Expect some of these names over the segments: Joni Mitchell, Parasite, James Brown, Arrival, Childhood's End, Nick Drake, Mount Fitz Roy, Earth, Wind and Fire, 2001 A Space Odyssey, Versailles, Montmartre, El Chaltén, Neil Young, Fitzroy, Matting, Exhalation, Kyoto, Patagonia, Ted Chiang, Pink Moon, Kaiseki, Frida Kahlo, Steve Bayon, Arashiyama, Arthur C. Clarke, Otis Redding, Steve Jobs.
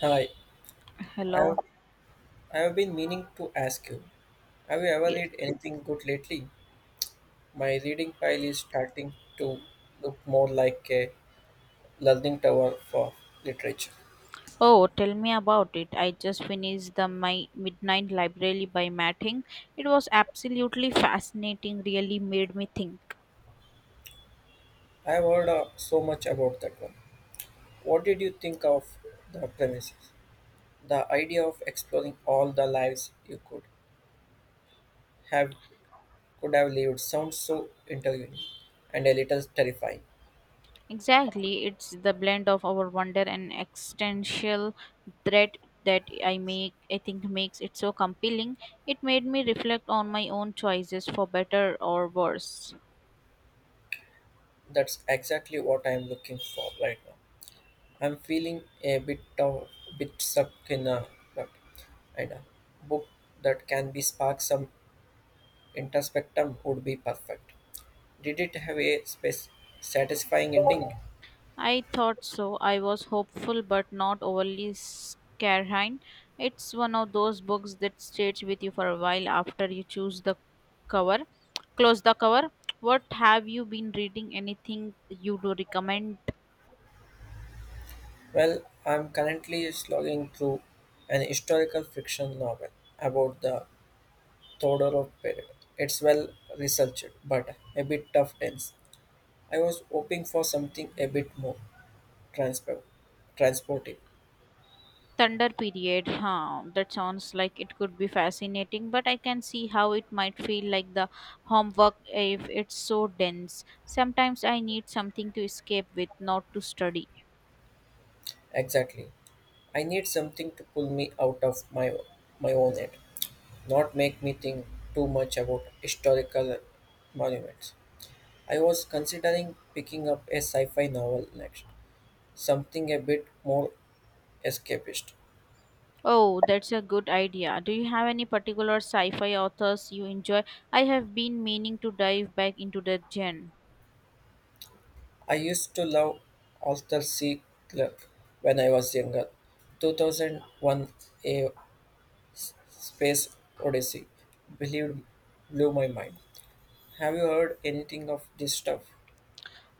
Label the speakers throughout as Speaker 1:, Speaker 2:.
Speaker 1: Hi, I've,
Speaker 2: Hello.
Speaker 1: I've been meaning to ask you, have you ever
Speaker 2: Yes.
Speaker 1: read anything good lately? My reading pile is starting to look more like a learning tower for literature.
Speaker 2: Oh, tell me about it. I just finished the My Midnight Library by Matting. It was absolutely fascinating, really made me think.
Speaker 1: I've heard so much about that one. What did you think of the premises? The idea of exploring all the lives you have could have lived sounds so intriguing and a little terrifying.
Speaker 2: Exactly. It's the blend of our wonder and existential threat that I think makes it so compelling. It made me reflect on my own choices for better or worse.
Speaker 1: That's exactly what I'm looking for right now. I'm feeling bit stuck in a rut, and a book that can be spark some introspectum would be perfect. Did it have a space satisfying ending?
Speaker 2: I thought so. I was hopeful but not overly scarhine. It's one of those books that stays with you for a while after you choose the cover. Close the cover. What have you been reading? Anything you do recommend?
Speaker 1: Well, I'm currently slogging through an historical fiction novel about the Todorov period. It's well researched, but a bit tough tense. I was hoping for something a bit more transport, transportive.
Speaker 2: Thunder period. Huh. That sounds like it could be fascinating, but I can see how it might feel like the homework if it's so dense. Sometimes I need something to escape with, not to study.
Speaker 1: Exactly. I need something to pull me out of my own head, not make me think too much about historical monuments. I was considering picking up a sci-fi novel next, something a bit more escapist.
Speaker 2: Oh, that's a good idea. Do you have any particular sci fi authors you enjoy? I have been meaning to dive back into that genre.
Speaker 1: I used to love Arthur C. Clarke when I was younger. 2001 A Space Odyssey believed blew my mind. Have you heard anything of this stuff?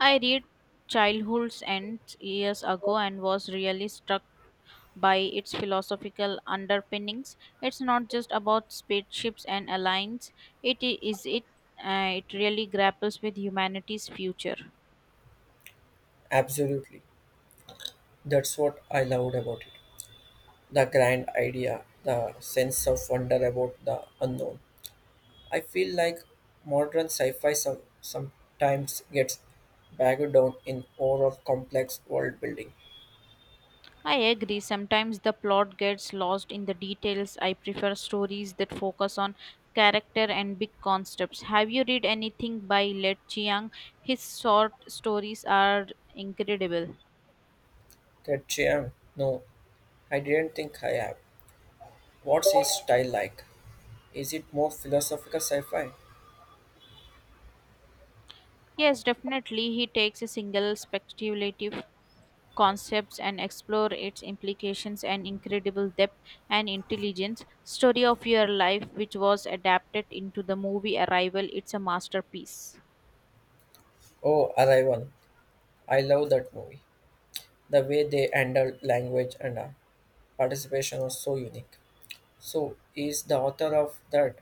Speaker 2: I read Childhood's End years ago and was really struck by its philosophical underpinnings. It's not just about spaceships and alliance, is it. It really grapples with humanity's future.
Speaker 1: Absolutely. That's what I loved about it. The grand idea, the sense of wonder about the unknown. I feel like modern sci fi sometimes gets bogged down in overall complex world building.
Speaker 2: I agree. Sometimes the plot gets lost in the details. I prefer stories that focus on character and big concepts. Have you read anything by Let Chiang? His short stories are incredible.
Speaker 1: That Chiang, no, I didn't think I have. What's his style like? Is it more philosophical sci fi?
Speaker 2: Yes, definitely. He takes a single speculative concepts and explore its implications and incredible depth and intelligence story of your life which was adapted into the movie arrival it's a masterpiece.
Speaker 1: Oh, Arrival. I love that movie. The way they handled language and participation was so unique. So, is the author of that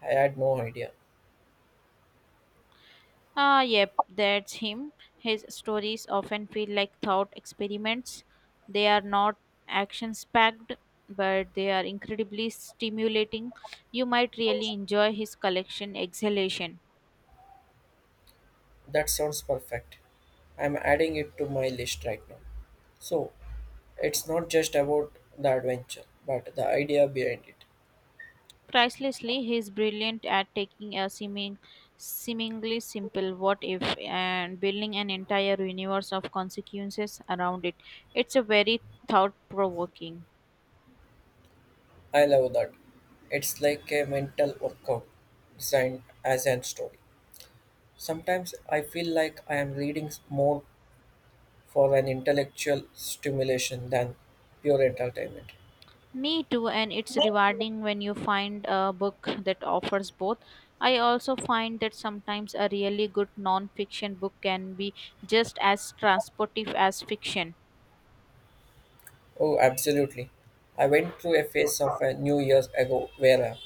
Speaker 1: I had no idea.
Speaker 2: Ah, yep, that's him. His stories often feel like thought experiments. They are not action packed, but they are incredibly stimulating. You might really enjoy his collection, Exhalation.
Speaker 1: That sounds perfect. I'm adding it to my list right now. So, it's not just about the adventure, but the idea behind it.
Speaker 2: Pricelessly, he is brilliant at taking a seemingly simple what if and building an entire universe of consequences around it. It's a very thought provoking.
Speaker 1: I love that. It's like a mental workout designed as a story. Sometimes I feel like I am reading more for an intellectual stimulation than pure entertainment.
Speaker 2: Me too, and it's rewarding when you find a book that offers both. I also find that sometimes a really good non fiction book can be just as transportive as fiction.
Speaker 1: Oh, absolutely. I went through a phase of a new years ago where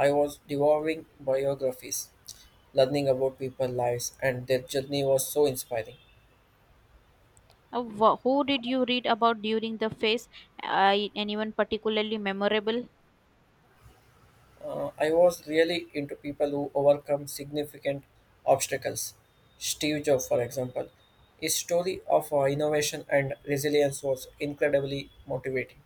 Speaker 1: I was devouring biographies, learning about people's lives, and their journey was so inspiring.
Speaker 2: Who did you read about during the phase? I anyone particularly memorable?
Speaker 1: I was really into people who overcome significant obstacles. Steve Jobs, for example, his story of innovation and resilience was incredibly motivating.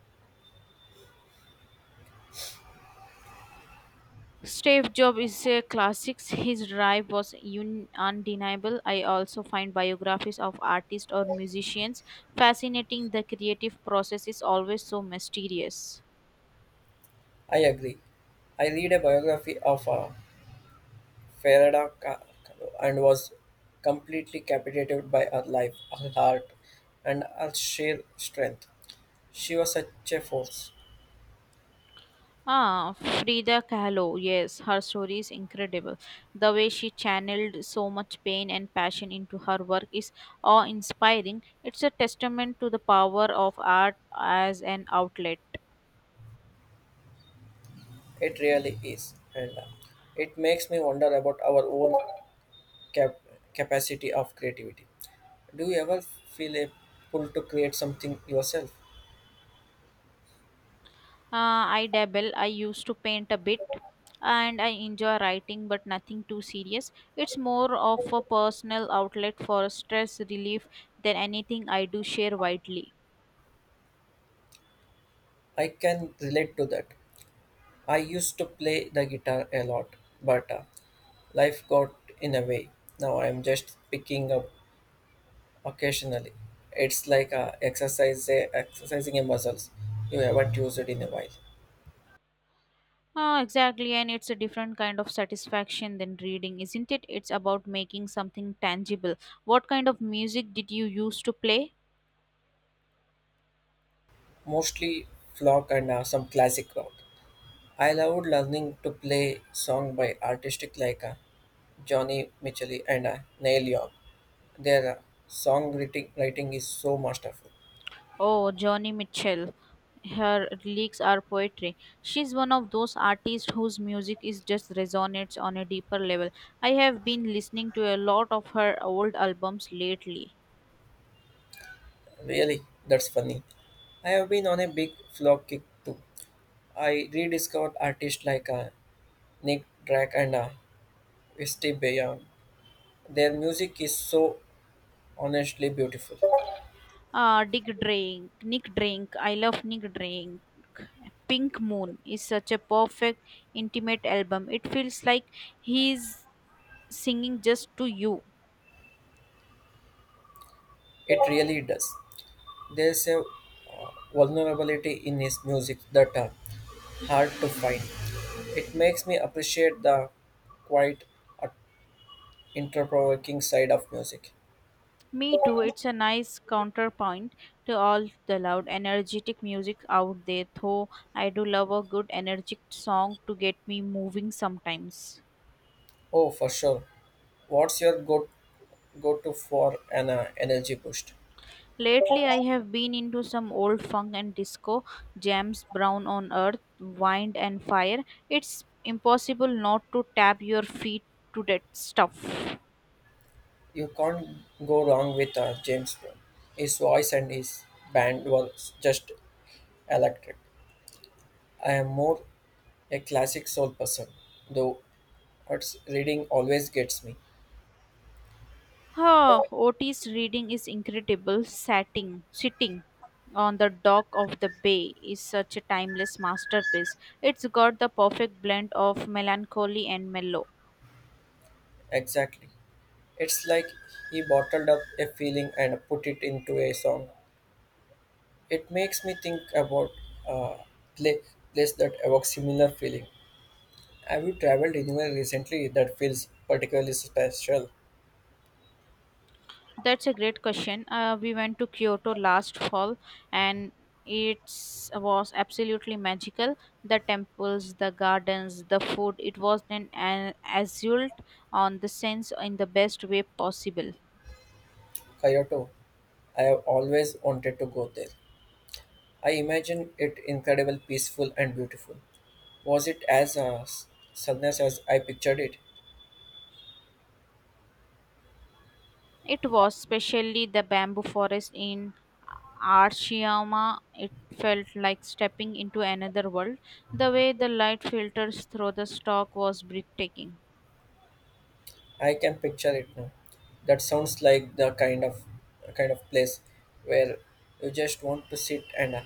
Speaker 2: Steve Jobs is a classic. His drive was undeniable. I also find biographies of artists or musicians fascinating. The creative process is always so mysterious.
Speaker 1: I agree. I read a biography of Ferrada and was completely captivated by her life, her heart, and her sheer strength. She was such a force.
Speaker 2: Ah, Frida Kahlo, yes, her story is incredible. The way she channeled so much pain and passion into her work is awe inspiring. It's a testament to the power of art as an outlet.
Speaker 1: It really is. And it makes me wonder about our own cap- capacity of creativity. Do you ever feel a pull to create something yourself?
Speaker 2: I dabble, I used to paint a bit and I enjoy writing, but nothing too serious. It's more of a personal outlet for stress relief than anything I do share widely.
Speaker 1: I can relate to that. I used to play the guitar a lot, but life got in a way. Now I am just picking up Occasionally, it's like a exercise, exercising your muscles. You haven't used it in a while.
Speaker 2: Ah, exactly, and it's a different kind of satisfaction than reading, isn't it? It's about making something tangible. What kind of music did you used to play?
Speaker 1: Mostly flock and some classic rock. I loved learning to play song by artistic like Johnny Mitchell and Neil Young. Their writing is so masterful.
Speaker 2: Oh, Johnny Mitchell. Her lyrics are poetry. She's one of those artists whose music is just resonates on a deeper level. I have been listening to a lot of her old albums lately.
Speaker 1: Really, that's funny. I have been on a big flock kick too. I rediscovered artists like Nick Drake and Steve Bayon. Their music is so honestly beautiful.
Speaker 2: Nick Drake. I love Nick Drake. Pink Moon is such a perfect, intimate album. It feels like he's singing just to you.
Speaker 1: It really does. There's a vulnerability in his music that are hard to find. It makes me appreciate the quite uh, interprovoking side of music.
Speaker 2: Me too. It's a nice counterpoint to all the loud, energetic music out there. Though I do love a good, energetic song to get me moving sometimes.
Speaker 1: Oh, for sure. What's your go to for an energy boost?
Speaker 2: Lately, I have been into some old funk and disco, James Brown on Earth, Wind and Fire. It's impossible not to tap your feet to that stuff.
Speaker 1: You can't go wrong with James Brown. His voice and his band was just electric. I am more a classic soul person, though What's reading always gets me.
Speaker 2: Huh, Otis reading is incredible. Sitting on the dock of the bay is such a timeless masterpiece. It's got the perfect blend of melancholy and mellow.
Speaker 1: Exactly. It's like he bottled up a feeling and put it into a song. It makes me think about a pla place that evokes similar feeling. Have you traveled anywhere recently that feels particularly special?
Speaker 2: That's a great question. We went to Kyoto last fall and it was absolutely magical. The temples, the gardens, the food, it was an assault on the sense in the best way possible.
Speaker 1: Kyoto. I have always wanted to go there. I imagine it incredible, peaceful, and beautiful. Was it as sunless as I pictured it?
Speaker 2: It was, especially the bamboo forest in Arashiyama. It felt like stepping into another world. The way the light filters through the stalk was breathtaking.
Speaker 1: I can picture it now. That sounds like the kind of place where you just want to sit and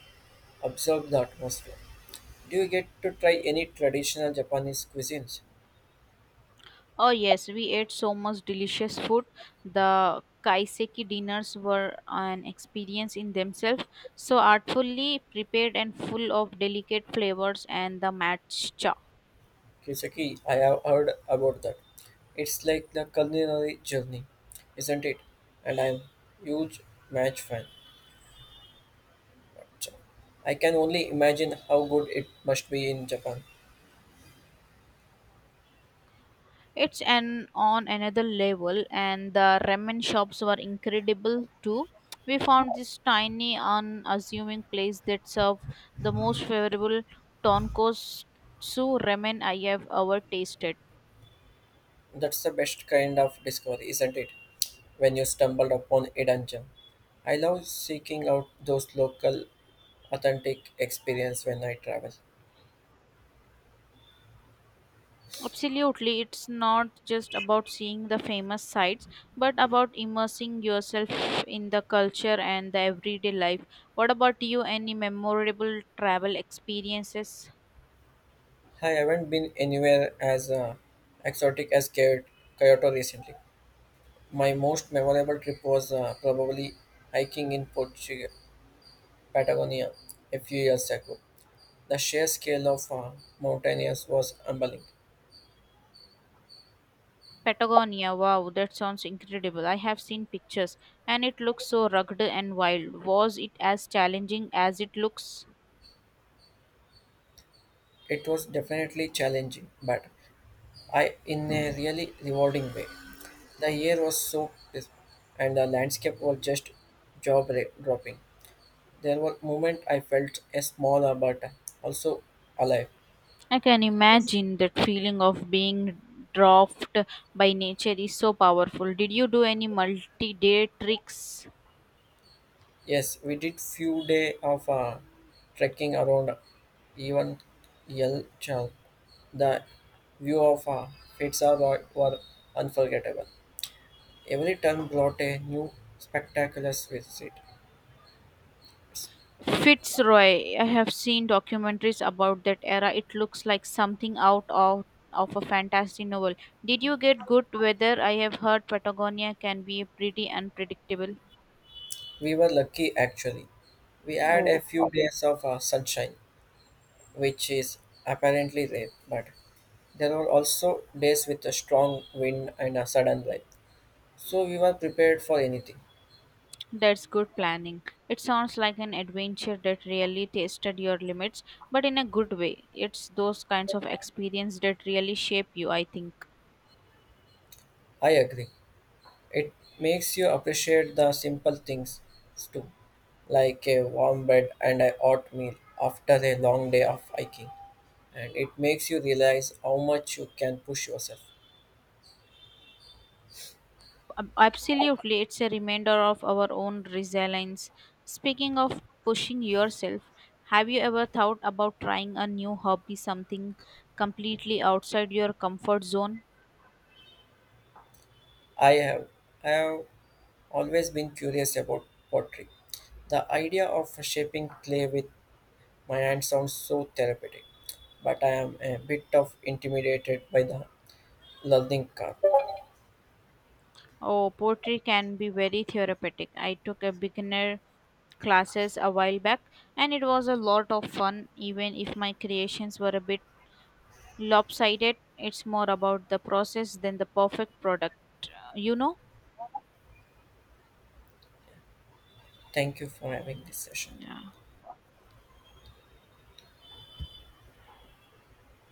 Speaker 1: observe the atmosphere. Do you get to try any traditional Japanese cuisines?
Speaker 2: Oh yes, we ate so much delicious food. The kaiseki dinners were an experience in themselves, so artfully prepared and full of delicate flavors and the matcha.
Speaker 1: Kisaki, I have heard about that. It's like the culinary journey, isn't it? And I'm huge match fan. I can only imagine how good it must be in Japan.
Speaker 2: It's an on another level, and the ramen shops were incredible too. We found this tiny unassuming place that served the most favorable tonkotsu ramen I have ever tasted.
Speaker 1: That's the best kind of discovery, isn't it? When you stumble upon a dungeon. I love seeking out those local, authentic experience when I travel.
Speaker 2: Absolutely, it's not just about seeing the famous sites, but about immersing yourself in the culture and the everyday life. What about you? Any memorable travel experiences?
Speaker 1: I haven't been anywhere as exotic as Kyoto recently. My most memorable trip was probably hiking in Portugal, Patagonia a few years ago. The sheer scale of mountainous was humbling.
Speaker 2: Patagonia, wow, that sounds incredible. I have seen pictures and it looks so rugged and wild. Was it as challenging as it looks?
Speaker 1: It was definitely challenging, but I in a really rewarding way. The air was so crisp and the landscape was just dropping. There were moments I felt a smaller but also alive.
Speaker 2: I can imagine that feeling of being dropped by nature is so powerful. Did you do any multi day tricks?
Speaker 1: Yes, we did few day of trekking around even Yelchal. The view of Fitzroy were unforgettable. Every turn brought a new spectacular visit.
Speaker 2: Fitzroy. I have seen documentaries about that era. It looks like something out of a fantasy novel. Did you get good weather? I have heard Patagonia can be pretty unpredictable.
Speaker 1: We were lucky actually. We had a
Speaker 2: Oh,
Speaker 1: few days of sunshine, which is apparently rare, but There were also days with a strong wind and a sudden rain, so we were prepared for anything.
Speaker 2: that's good planning. It sounds like an adventure that really tested your limits, but in a good way. It's those kinds of experience that really shape you, I think.
Speaker 1: I agree. It makes you appreciate the simple things too, like a warm bed and a hot meal after a long day of hiking. And it makes you realize how much you can push yourself.
Speaker 2: Absolutely, it's a reminder of our own resilience. Speaking of pushing yourself, have you ever thought about trying a new hobby, something completely outside your comfort zone?
Speaker 1: I have, I have always been curious about pottery. The idea of shaping clay with my hand sounds so therapeutic, but I am a bit of intimidated by the Lalninka.
Speaker 2: Oh, poetry can be very therapeutic. I took a beginner classes a while back and it was a lot of fun even if my creations were a bit lopsided. It's more about the process than the perfect product, you know?
Speaker 1: Thank you for having this session.